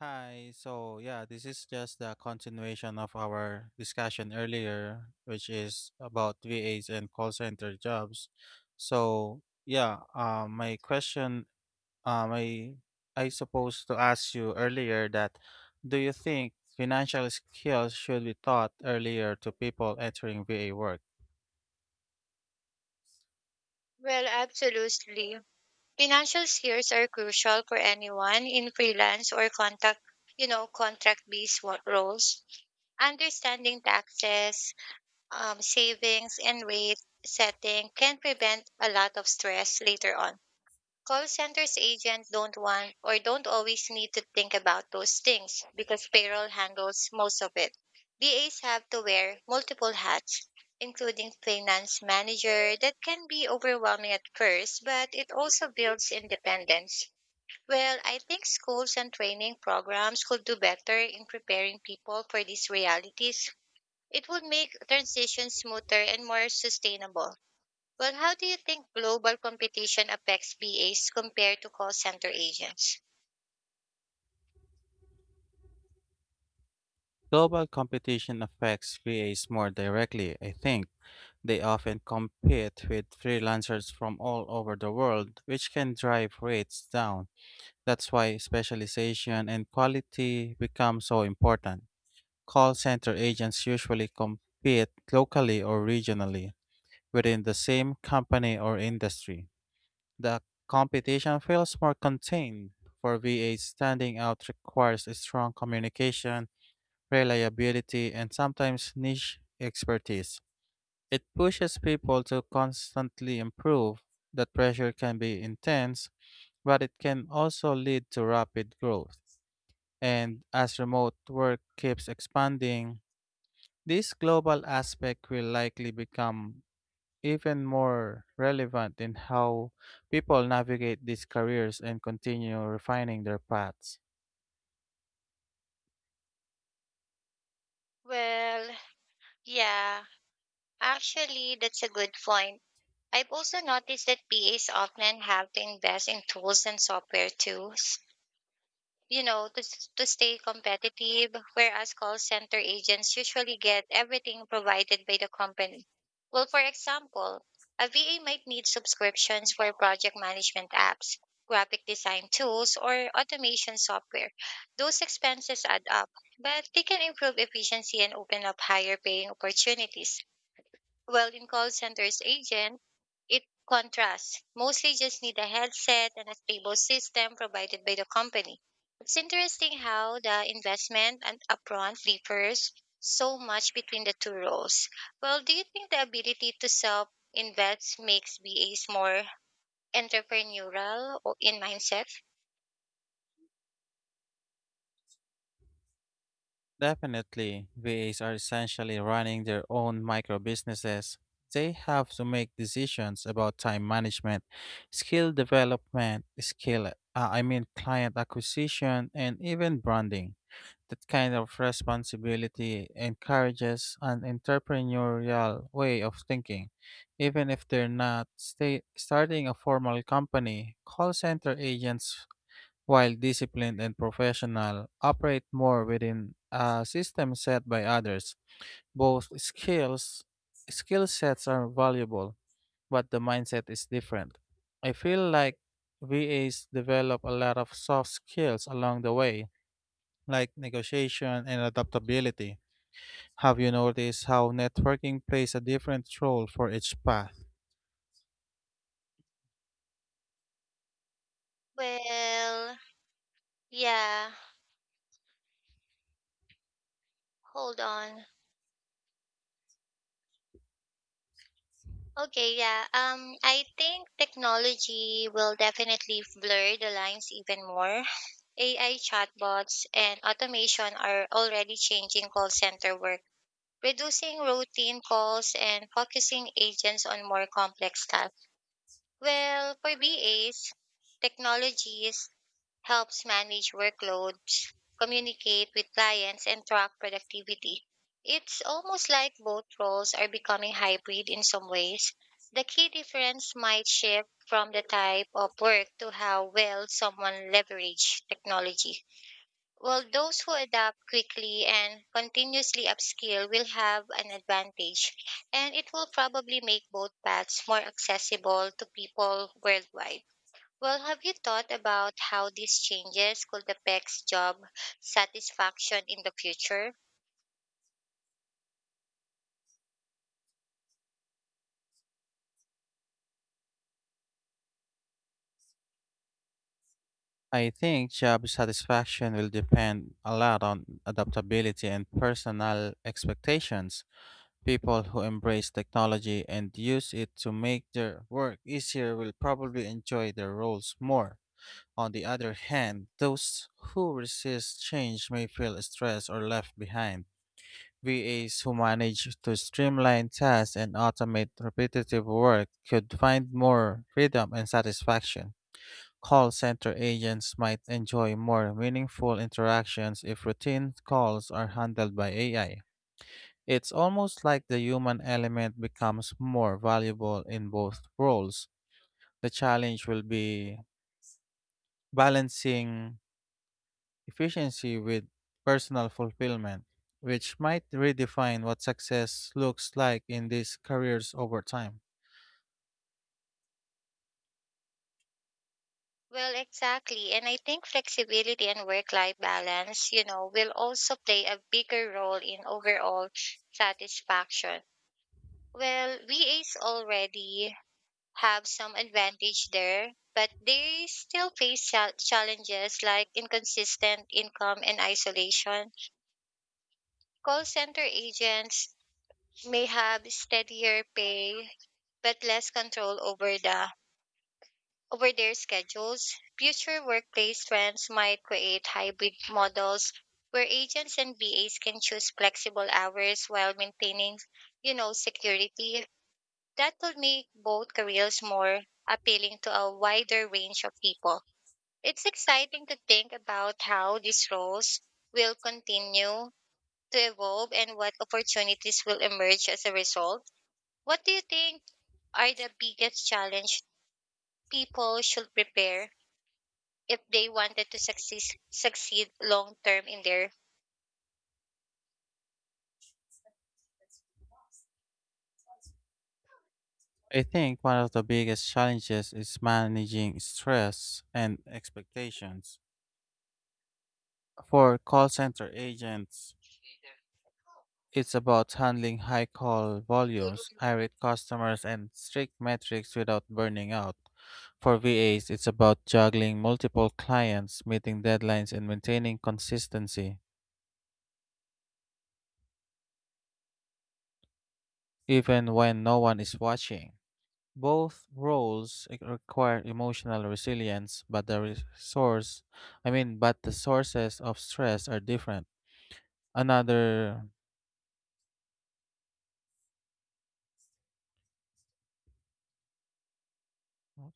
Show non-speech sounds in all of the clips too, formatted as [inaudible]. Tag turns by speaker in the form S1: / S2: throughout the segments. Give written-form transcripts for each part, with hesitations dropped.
S1: Hi. So, yeah, this is just the continuation of our discussion earlier, which is about VAs and call center jobs. So, yeah, my question, um, I, I supposed to ask you earlier that do you think financial skills should be taught earlier to people entering VA work?
S2: Well, absolutely. Financial skills are crucial for anyone in freelance or contract-based roles. Understanding taxes, savings, and rate setting can prevent a lot of stress later on. Call centers agents don't want or don't always need to think about those things because payroll handles most of it. BAs have to wear multiple hats, including finance manager that can be overwhelming at first, but it also builds independence. Well, I think schools and training programs could do better in preparing people for these realities. It would make transition smoother and more sustainable. Well, how do you think global competition affects BAs compared to call center agents?
S1: Global competition affects VAs more directly, I think. They often compete with freelancers from all over the world, which can drive rates down. That's why specialization and quality become so important. Call center agents usually compete locally or regionally within the same company or industry. The competition feels more contained. For VAs, standing out requires a strong communication, reliability, and sometimes niche expertise. It pushes people to constantly improve. The pressure can be intense, but it can also lead to rapid growth. And as remote work keeps expanding, this global aspect will likely become even more relevant in how people navigate these careers and continue refining their paths.
S2: Well, yeah, actually, that's a good point. I've also noticed that BAs often have to invest in tools and software too, to stay competitive, whereas call center agents usually get everything provided by the company. Well, for example, a VA might need subscriptions for project management apps, graphic design tools, or automation software. Those expenses add up, but they can improve efficiency and open up higher paying opportunities. Well, in call centers agent, it contrasts. Mostly just need a headset and a stable system provided by the company. It's interesting how the investment and upfront differs so much between the two roles. Well, do you think the ability to self invest makes BAs more entrepreneurial or in mindset?
S1: Definitely, VAs are essentially running their own micro businesses. They have to make decisions about time management, skill development, I mean, client acquisition, and even branding. That kind of responsibility encourages an entrepreneurial way of thinking. Even if they're not starting a formal company, call center agents while disciplined and professional, operate more within a system set by others. Both skill sets are valuable, but the mindset is different. I feel like VAs develop a lot of soft skills along the way, like negotiation and adaptability. Have you noticed how networking plays a different role for each path?
S2: Well, yeah. Hold on. Okay, yeah. I think technology will definitely blur the lines even more. AI chatbots and automation are already changing call center work, reducing routine calls and focusing agents on more complex tasks. Well, for BAs, technology helps manage workloads, communicate with clients, and track productivity. It's almost like both roles are becoming hybrid in some ways. The key difference might shift from the type of work to how well someone leverages technology. Well, those who adapt quickly and continuously upskill will have an advantage, and it will probably make both paths more accessible to people worldwide. Well, have you thought about how these changes could affect job satisfaction in the future?
S1: I think job satisfaction will depend a lot on adaptability and personal expectations. People who embrace technology and use it to make their work easier will probably enjoy their roles more. On the other hand, those who resist change may feel stressed or left behind. VAs who manage to streamline tasks and automate repetitive work could find more freedom and satisfaction. Call center agents might enjoy more meaningful interactions if routine calls are handled by AI. It's almost like the human element becomes more valuable in both roles. The challenge will be balancing efficiency with personal fulfillment, which might redefine what success looks like in these careers over time.
S2: Well, exactly. And I think flexibility and work life balance, you know, will also play a bigger role in overall satisfaction. Well, VAs already have some advantage there, but they still face challenges like inconsistent income and isolation. Call center agents may have steadier pay but less control over their schedules. Future workplace trends might create hybrid models where agents and BAs can choose flexible hours while maintaining, you know, security. That will make both careers more appealing to a wider range of people. It's exciting to think about how these roles will continue to evolve and what opportunities will emerge as a result. What do you think are the biggest challenges people should prepare if they wanted to succeed long term in their.
S1: I think one of the biggest challenges is managing stress and expectations. For call center agents, it's about handling high call volumes, irate customers, and strict metrics without burning out. For VAs, it's about juggling multiple clients, meeting deadlines, and maintaining consistency, even when no one is watching. Both roles require emotional resilience, but the I mean, but the sources of stress are different. Another,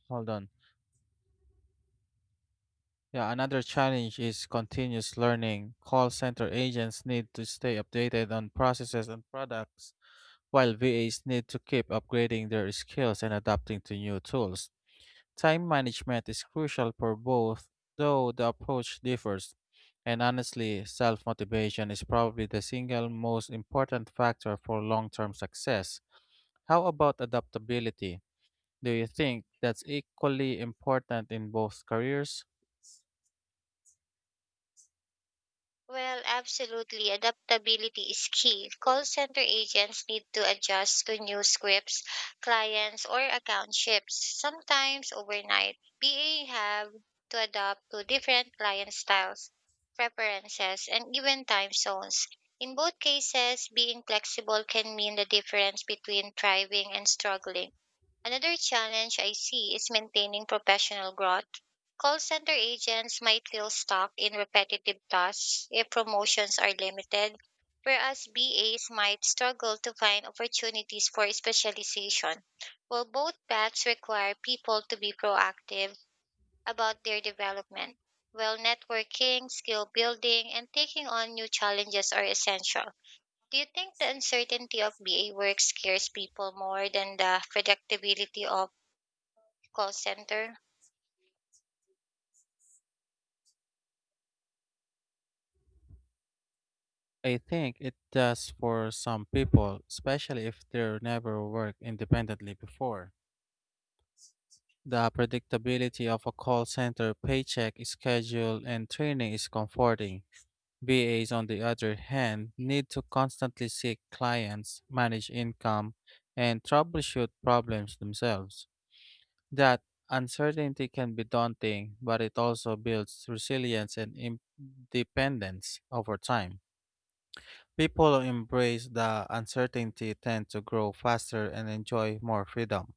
S1: hold on. Yeah, another challenge is continuous learning. Call center agents need to stay updated on processes and products, while VAs need to keep upgrading their skills and adapting to new tools. Time management is crucial for both, though the approach differs. And honestly, self motivation is probably the single most important factor for long term success. How about adaptability? Do you think that's equally important in both careers?
S2: Well, absolutely. Adaptability is key. Call center agents need to adjust to new scripts, clients, or account shifts, sometimes overnight. BA have to adapt to different client styles, preferences, and even time zones. In both cases, being flexible can mean the difference between thriving and struggling. Another challenge I see is maintaining professional growth. Call center agents might feel stuck in repetitive tasks if promotions are limited, whereas BAs might struggle to find opportunities for specialization. While both paths require people to be proactive about their development, while networking, skill building, and taking on new challenges are essential. Do you think the uncertainty of BA work scares people more than the predictability of call center?
S1: I think it does for some people, especially if they have never worked independently before. The predictability of a call center paycheck schedule and training is comforting. VAs, on the other hand, need to constantly seek clients, manage income, and troubleshoot problems themselves. That uncertainty can be daunting, but it also builds resilience and independence over time. People who embrace the uncertainty tend to grow faster and enjoy more freedom.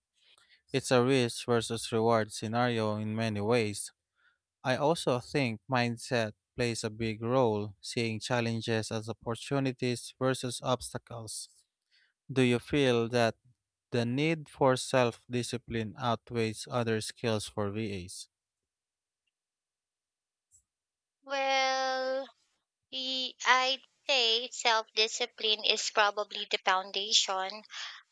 S1: It's a risk versus reward scenario in many ways. I also think mindset plays a big role, seeing challenges as opportunities versus obstacles. Do you feel that the need for self discipline outweighs other skills for VAs?
S2: Well, I'd say self discipline is probably the foundation.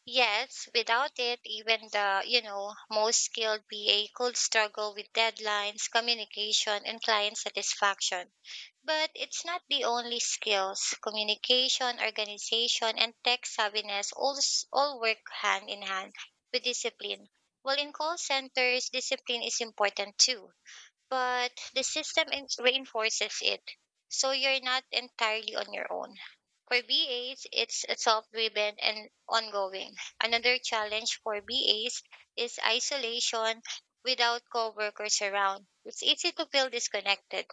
S2: Yes, without it, even the, you know, most skilled BA could struggle with deadlines, communication, and client satisfaction. But it's not the only skills. Communication, organization, and tech savviness all work hand in hand with discipline. Well, in call centers, discipline is important too, but the system reinforces it. So you're not entirely on your own. For BAs, it's self-driven and ongoing. Another challenge for BAs is isolation without coworkers around. It's easy to feel disconnected.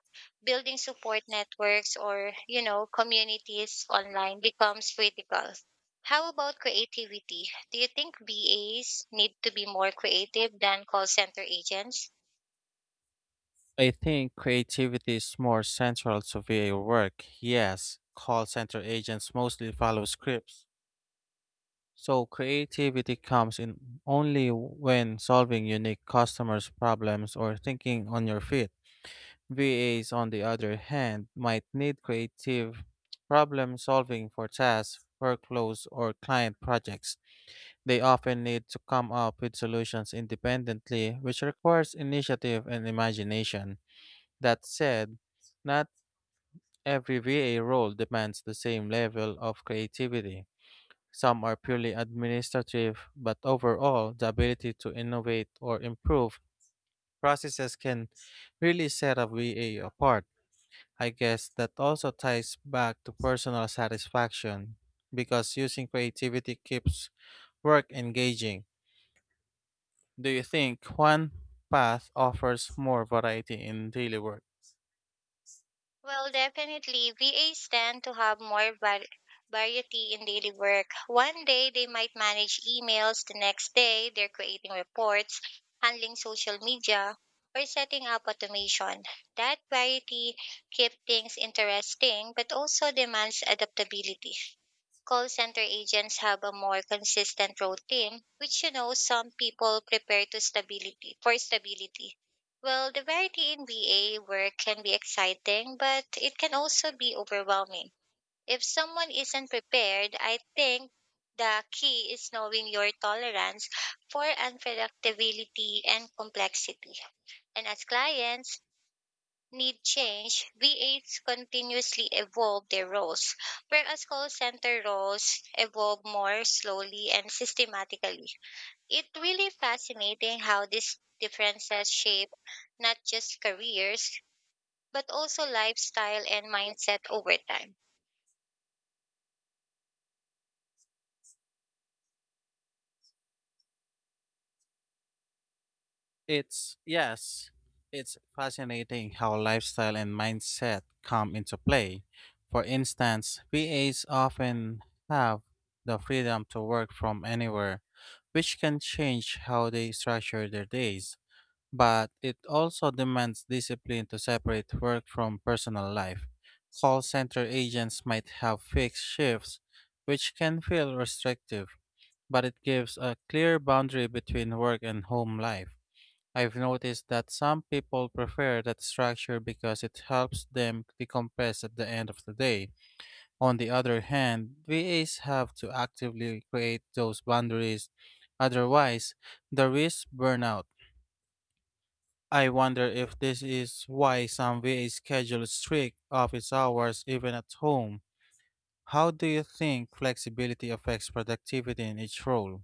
S2: Building support networks or, you know, communities online becomes critical. How about creativity? Do you think BAs need to be more creative than call center agents?
S1: I think creativity is more central to VA work. Yes, call center agents mostly follow scripts. So creativity comes in only when solving unique customers' problems or thinking on your feet. VAs, on the other hand, might need creative problem solving for tasks, workflows, or client projects. They often need to come up with solutions independently, which requires initiative and imagination. That said, not every VA role demands the same level of creativity. Some are purely administrative, but overall, the ability to innovate or improve processes can really set a V A apart. I guess that also ties back to personal satisfaction because using creativity keeps work engaging. Do you think one path offers more variety in daily work?
S2: Well, definitely, VAs tend to have more variety in daily work. One day they might manage emails, the next day they're creating reports, handling social media, or setting up automation. That variety keeps things interesting but also demands adaptability. Call center agents have a more consistent routine, which, you know, some people prepare to stability for stability. Well, the variety in VA work can be exciting, but it can also be overwhelming. If someone isn't prepared, I think the key is knowing your tolerance for unpredictability and complexity. And as clients need change, VAs continuously evolve their roles, whereas call center roles evolve more slowly and systematically. It really fascinating how these differences shape not just careers, but also lifestyle and mindset over time.
S1: Yes, it's fascinating how lifestyle and mindset come into play. For instance, VAs often have the freedom to work from anywhere, which can change how they structure their days. But it also demands discipline to separate work from personal life. Call center agents might have fixed shifts, which can feel restrictive, but it gives a clear boundary between work and home life. I've noticed that some people prefer that structure because it helps them decompress at the end of the day. On the other hand, VAs have to actively create those boundaries, otherwise, the risk burnout. I wonder if this is why some VAs schedule strict office hours even at home. How do you think flexibility affects productivity in each role?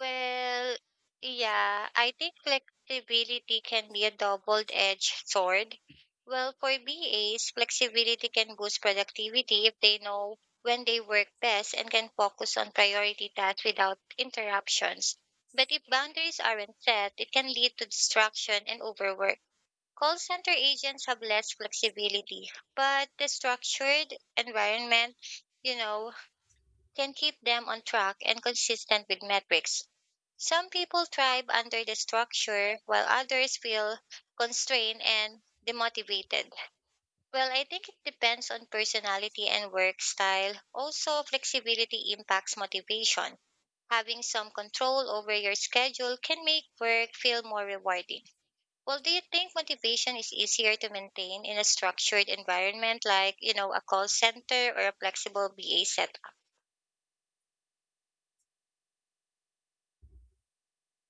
S2: Well, yeah, I think flexibility can be a double-edged sword. Well, for BAs, flexibility can boost productivity if they know when they work best and can focus on priority tasks without interruptions. But if boundaries aren't set, it can lead to distraction and overwork. Call center agents have less flexibility, but the structured environment, you know, can keep them on track and consistent with metrics. Some people thrive under the structure while others feel constrained and demotivated. Well, I think it depends on personality and work style. Also, flexibility impacts motivation. Having some control over your schedule can make work feel more rewarding. Well, do you think motivation is easier to maintain in a structured environment like, you know, a call center or a flexible BA setup?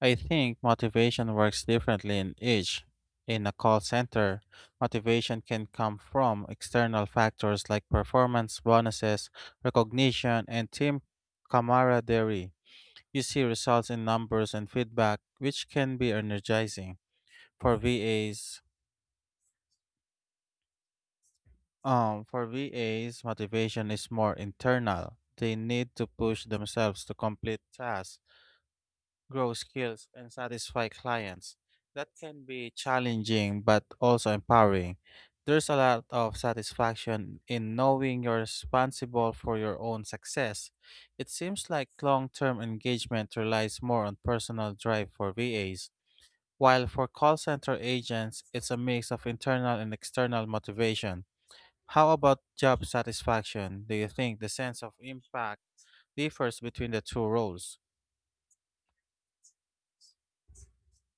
S1: I think motivation works differently in each. In a call center, motivation can come from external factors like performance bonuses, recognition, and team camaraderie. You see results in numbers and feedback, which can be energizing. For VAs, motivation is more internal. They need to push themselves to complete tasks, grow skills, and satisfy clients. That can be challenging but also empowering. There's a lot of satisfaction in knowing you're responsible for your own success. It seems like long term engagement relies more on personal drive for VAs, while for call center agents, it's a mix of internal and external motivation. How about job satisfaction? Do you think the sense of impact differs between the two roles?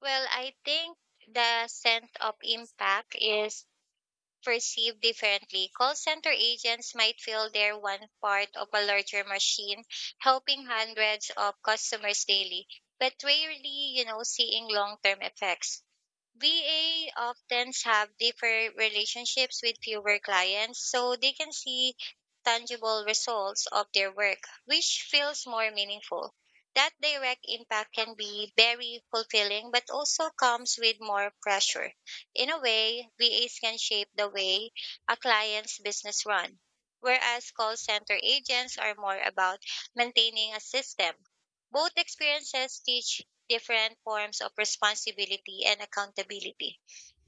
S2: Well, I think the sense of impact is perceived differently. Call center agents might feel they're one part of a larger machine, helping hundreds of customers daily, but rarely, you know, seeing long term effects. VA often have deeper relationships with fewer clients, so they can see tangible results of their work, which feels more meaningful. That direct impact can be very fulfilling, but also comes with more pressure. In a way, VAs can shape the way a client's business run, whereas call center agents are more about maintaining a system. Both experiences teach different forms of responsibility and accountability.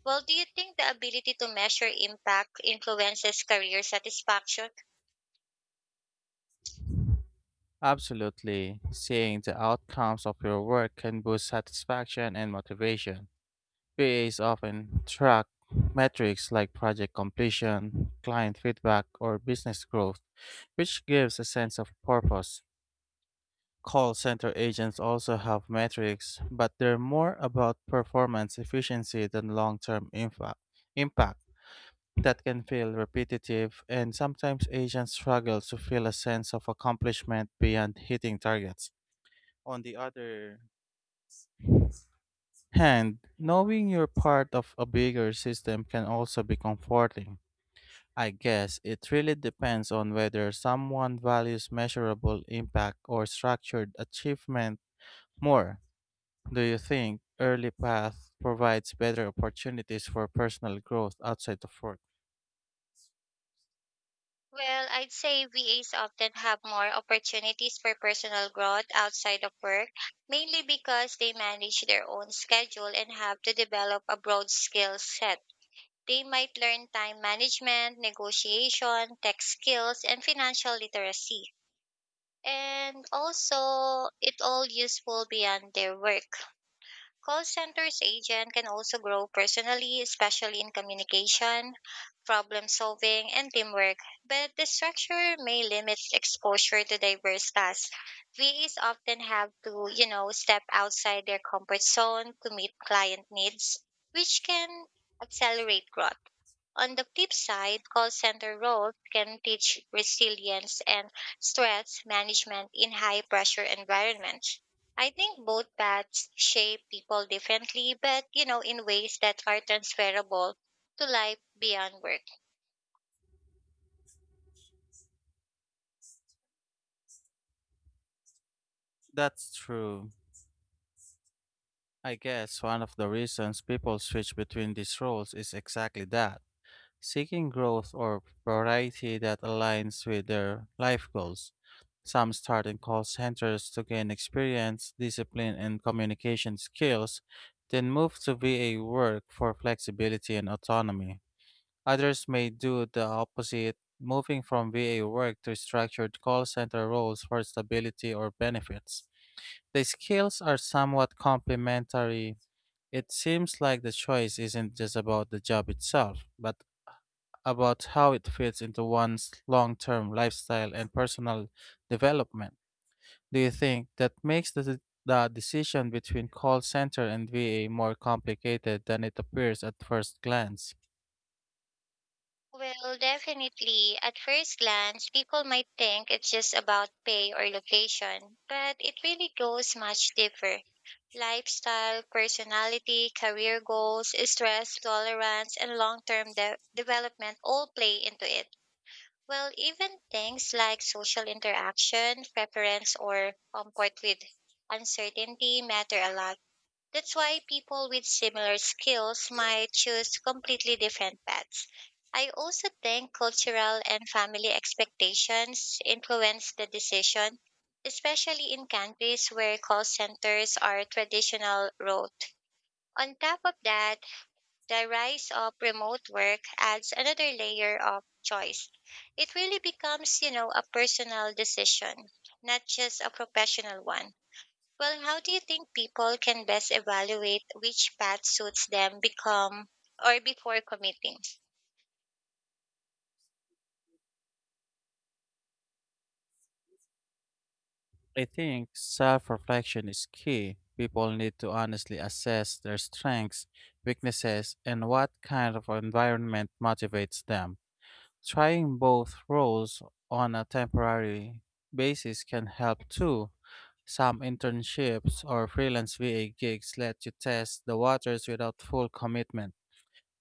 S2: Well, do you think the ability to measure impact influences career satisfaction?
S1: Absolutely. Seeing the outcomes of your work can boost satisfaction and motivation. VAs often track metrics like project completion, client feedback, or business growth, which gives a sense of purpose. Call center agents also have metrics, but they're more about performance efficiency than long term impact. That can feel repetitive, and sometimes agents struggle to feel a sense of accomplishment beyond hitting targets. On the other hand, knowing you're part of a bigger system can also be comforting. I guess it really depends on whether someone values measurable impact or structured achievement more. Do you think early path provides better opportunities for personal growth outside of work?
S2: Well, I'd say VAs often have more opportunities for personal growth outside of work, mainly because they manage their own schedule and have to develop a broad skill set. They might learn time management, negotiation, tech skills, and financial literacy. And also, it all useful beyond their work. Call center's agent can also grow personally, especially in communication, problem solving, and teamwork, but the structure may limit exposure to diverse tasks. VAs often have to, you know, step outside their comfort zone to meet client needs, which can accelerate growth. On the flip side, call center roles can teach resilience and stress management in high pressure environments. I think both paths shape people differently, but, you know, in ways that are transferable to life beyond work.
S1: That's true. I guess one of the reasons people switch between these roles is exactly that. Seeking growth or variety that aligns with their life goals. Some start in call centers to gain experience, discipline, and communication skills, then move to VA work for flexibility and autonomy. Others may do the opposite, moving from VA work to structured call center roles for stability or benefits. The skills are somewhat complementary. It seems like the choice isn't just about the job itself, but about how it fits into one's long term lifestyle and personal development. Do you think that makes the decision between call center and VA more complicated than it appears at first glance?
S2: Well, definitely, at first glance, people might think it's just about pay or location, but it really goes much deeper. Lifestyle, personality, career goals, stress tolerance, and long term development all play into it. Well, even things like social interaction, preference, or comfort with uncertainty matter a lot. That's why people with similar skills might choose completely different paths. I also think cultural and family expectations influence the decision, especially in countries where call centers are traditional route. On top of that, the rise of remote work adds another layer of choice. It really becomes, you know, a personal decision, not just a professional one. Well, how do you think people can best evaluate which path suits them become or before committing?
S1: I think self reflection is key. People need to honestly assess their strengths, weaknesses, and what kind of environment motivates them. Trying both roles on a temporary basis can help too. Some internships or freelance VA gigs let you test the waters without full commitment.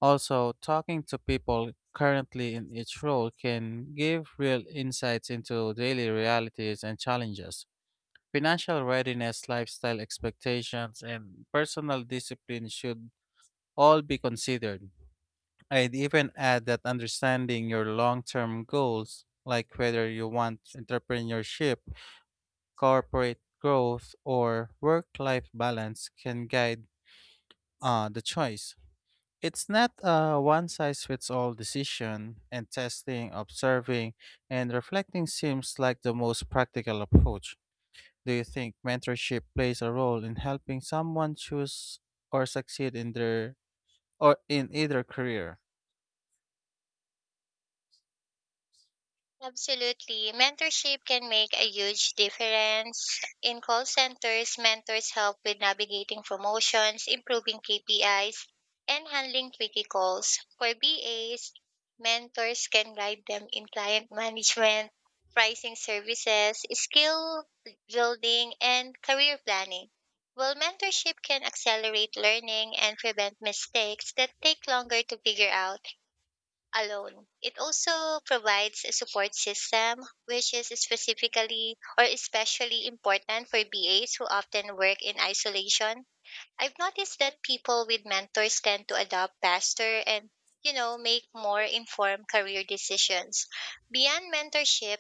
S1: Also, talking to people currently in each role can give real insights into daily realities and challenges. Financial readiness, lifestyle expectations, and personal discipline should all be considered. I'd even add that understanding your long term goals, like whether you want entrepreneurship corporate growth, or work life balance can guide the choice. It's not a one size fits all decision, and testing, observing, and reflecting seems like the most practical approach. Do you think mentorship plays a role in helping someone choose or succeed in their or in either career?
S2: Absolutely. Mentorship can make a huge difference. In call centers, mentors help with navigating promotions, improving KPIs, and handling tricky calls. For BAs, mentors can guide them in client [laughs] management, pricing services, skill building, and career planning. While mentorship can accelerate learning and prevent mistakes that take longer to figure out, alone. It also provides a support system, which is specifically or especially important for BAs who often work in isolation. I've noticed that people with mentors tend to adopt faster and, you know, make more informed career decisions. Beyond mentorship,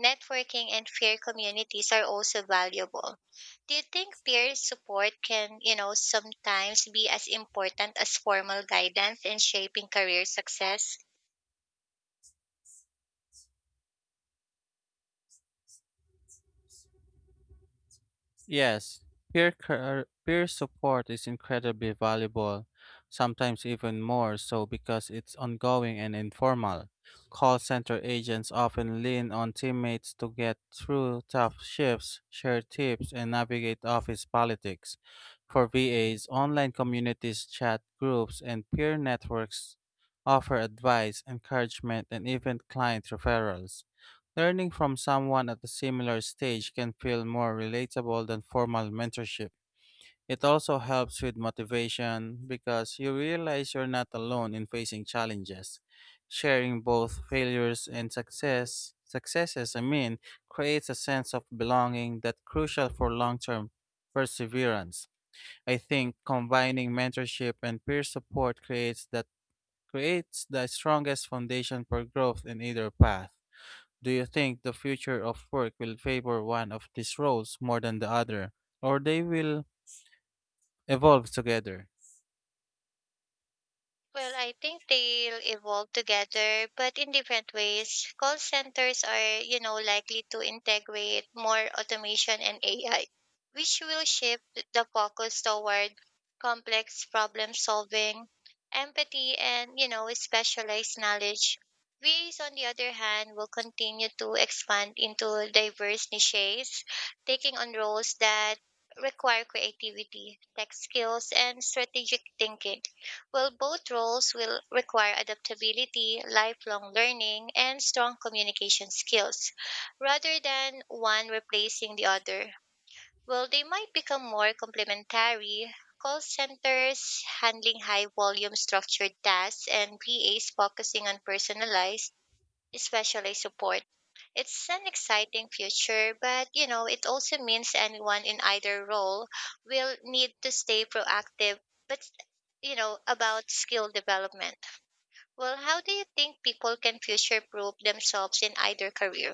S2: networking and peer communities are also valuable. Do you think peer support can, you know, sometimes be as important as formal guidance in shaping career success?
S1: Yes, peer support is incredibly valuable, sometimes even more so because it's ongoing and informal. Call center agents often lean on teammates to get through tough shifts, share tips, and navigate office politics. For VAs, online communities, chat groups, and peer networks offer advice, encouragement, and even client referrals. Learning from someone at a similar stage can feel more relatable than formal mentorship. It also helps with motivation because you realize you're not alone in facing challenges. Sharing both failures and successes, I mean, creates a sense of belonging that's crucial for long-term perseverance. I think combining mentorship and peer support creates that creates the strongest foundation for growth in either path. Do you think the future of work will favor one of these roles more than the other, or they will evolve together?
S2: Well, I think they'll evolve together, but in different ways. Call centers are, you know, likely to integrate more automation and AI, which will shift the focus toward complex problem solving, empathy, and, you know, specialized knowledge. VAs, on the other hand, will continue to expand into diverse niches, taking on roles that require creativity, tech skills, and strategic thinking. Well, both roles will require adaptability, lifelong learning, and strong communication skills, rather than one replacing the other. Well, they might become more complementary. Call centers handling high volume structured tasks and VAs focusing on personalized especially support. It's an exciting future, but, you know, it also means anyone in either role will need to stay proactive, but, you know, about skill development. Well, how do you think people can future proof themselves in either career?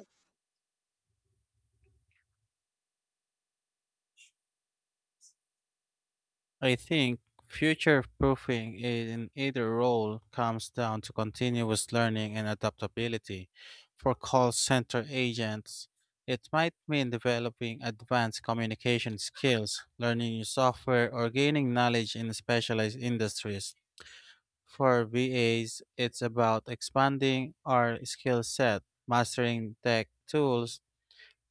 S1: I think future proofing in either role comes down to continuous learning and adaptability. For call center agents, it might mean developing advanced communication skills, learning new software, or gaining knowledge in specialized industries. For VAs, it's about expanding our skill set, mastering tech tools,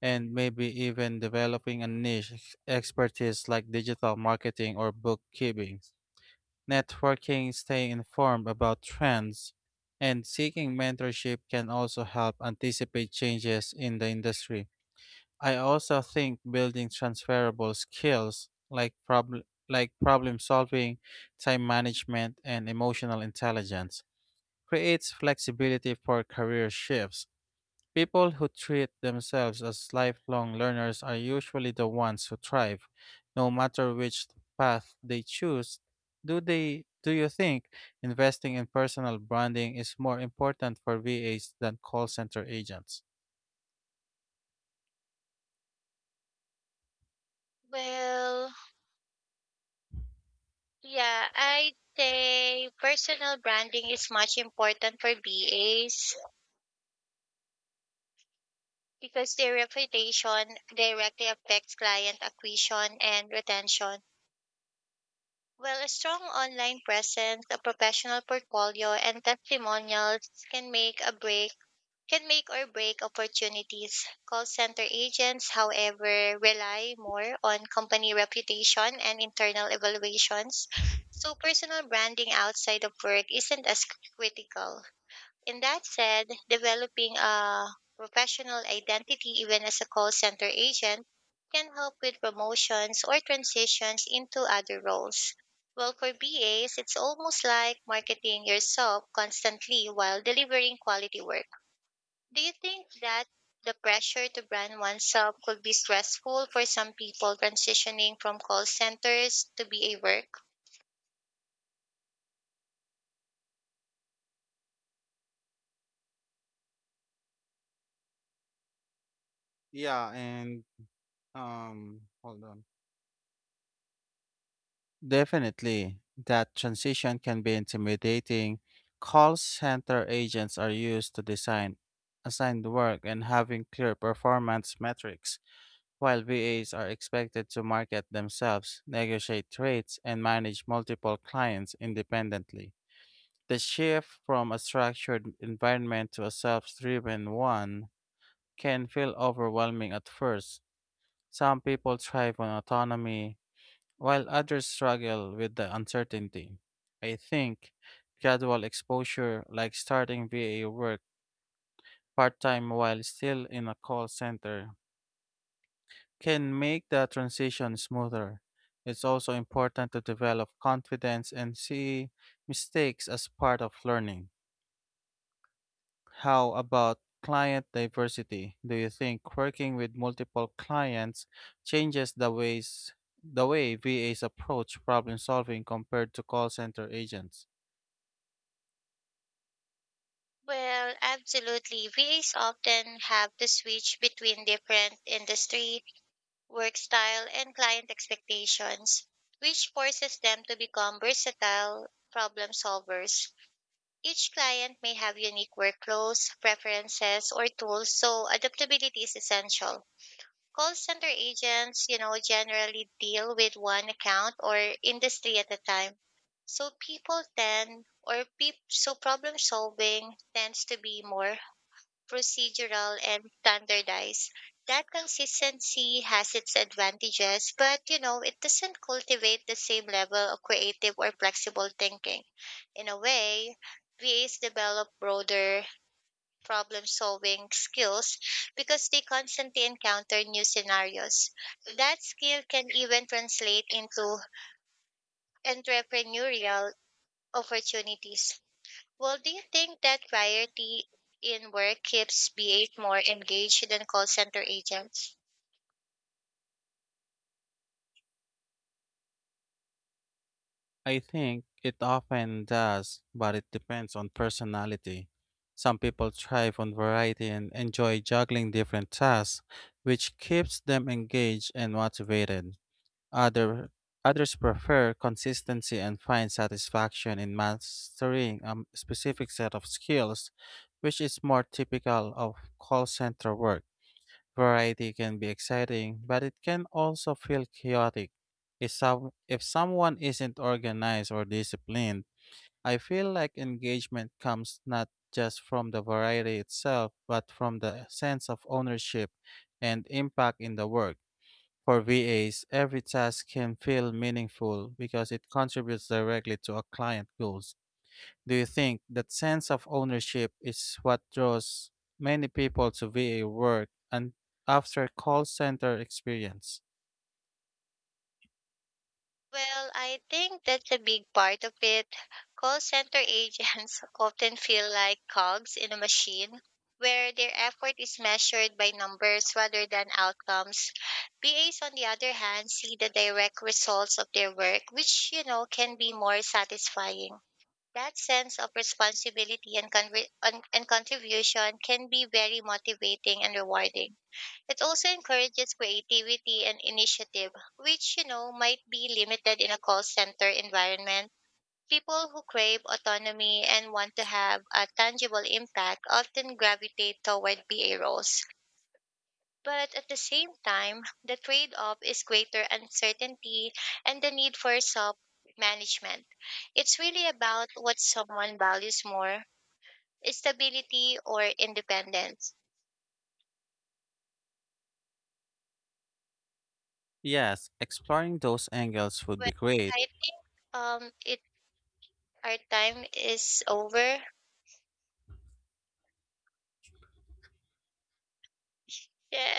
S1: and maybe even developing a niche expertise like digital marketing or bookkeeping. Networking, staying informed about trends, and seeking mentorship can also help anticipate changes in the industry. I also think building transferable skills like problem solving, time management, and emotional intelligence creates flexibility for career shifts. People who treat themselves as lifelong learners are usually the ones who thrive, no matter which path they choose. Do you think investing in personal branding is more important for VAs than call center agents?
S2: Well, yeah, I say personal branding is much important for BAs because their reputation directly affects client acquisition and retention. Well, a strong online presence, a professional portfolio, and testimonials can make or break opportunities. Call center agents, however, rely more on company reputation and internal evaluations. So personal branding outside of work isn't as critical. In that said, developing a professional identity, even as a call center agent, can help with promotions or transitions into other roles. Well, for BAs, it's almost like marketing yourself constantly while delivering quality work. Do you think that the pressure to brand oneself could be stressful for some people transitioning from call centers to BA work?
S1: Yeah, and hold on. Definitely, that transition can be intimidating. Call center agents are used to design assigned work and having clear performance metrics, while VAs are expected to market themselves, negotiate rates, and manage multiple clients independently. The shift from a structured environment to a self-driven one can feel overwhelming at first. Some people thrive on autonomy, while others struggle with the uncertainty. I think gradual exposure, like starting VA work part time while still in a call center, can make the transition smoother. It's also important to develop confidence and see mistakes as part of learning. How about client diversity? Do you think working with multiple clients changes the way VAs approach problem solving compared to call center agents?
S2: Well, absolutely. VAs often have to switch between different industry, work style, and client expectations, which forces them to become versatile problem solvers. Each client may have unique workflows, preferences, or tools, so adaptability is essential. Call center agents, you know, generally deal with one account or industry at a time. So people tend or peop so problem solving tends to be more procedural and standardized. That consistency has its advantages, but, you know, it doesn't cultivate the same level of creative or flexible thinking. In a way, VAs develop broader problem solving skills because they constantly encounter new scenarios. That skill can even translate into entrepreneurial opportunities. Well, do you think that variety in work keeps BH more engaged than call center agents?
S1: I think it often does, but it depends on personality. Some people thrive on variety and enjoy juggling different tasks, which keeps them engaged and motivated. Other, others prefer consistency and find satisfaction in mastering a specific set of skills, which is more typical of call center work. Variety can be exciting, but it can also feel chaotic. If someone isn't organized or disciplined, I feel like engagement comes not just from the variety itself, but from the sense of ownership and impact in the work. For VAs, every task can feel meaningful because it contributes directly to a client goals. Do you think that sense of ownership is what draws many people to VA work and after call center experience?
S2: Well, I think that's a big part of it. Call center agents [laughs] often feel like cogs in a machine where their effort is measured by numbers rather than outcomes. BAs, on the other hand, see the direct results of their work, which, you know, can be more satisfying. That sense of responsibility and, conri- and contribution can be very motivating and rewarding. It also encourages creativity and initiative, which, you know, might be limited in a call center environment. People who crave autonomy and want to have a tangible impact often gravitate toward BA roles. But at the same time, the trade off is greater uncertainty and the need for self management. It's really about what someone values more, stability or independence.
S1: Yes, exploring those angles would
S2: But
S1: be great.
S2: I think our time is over. Yeah,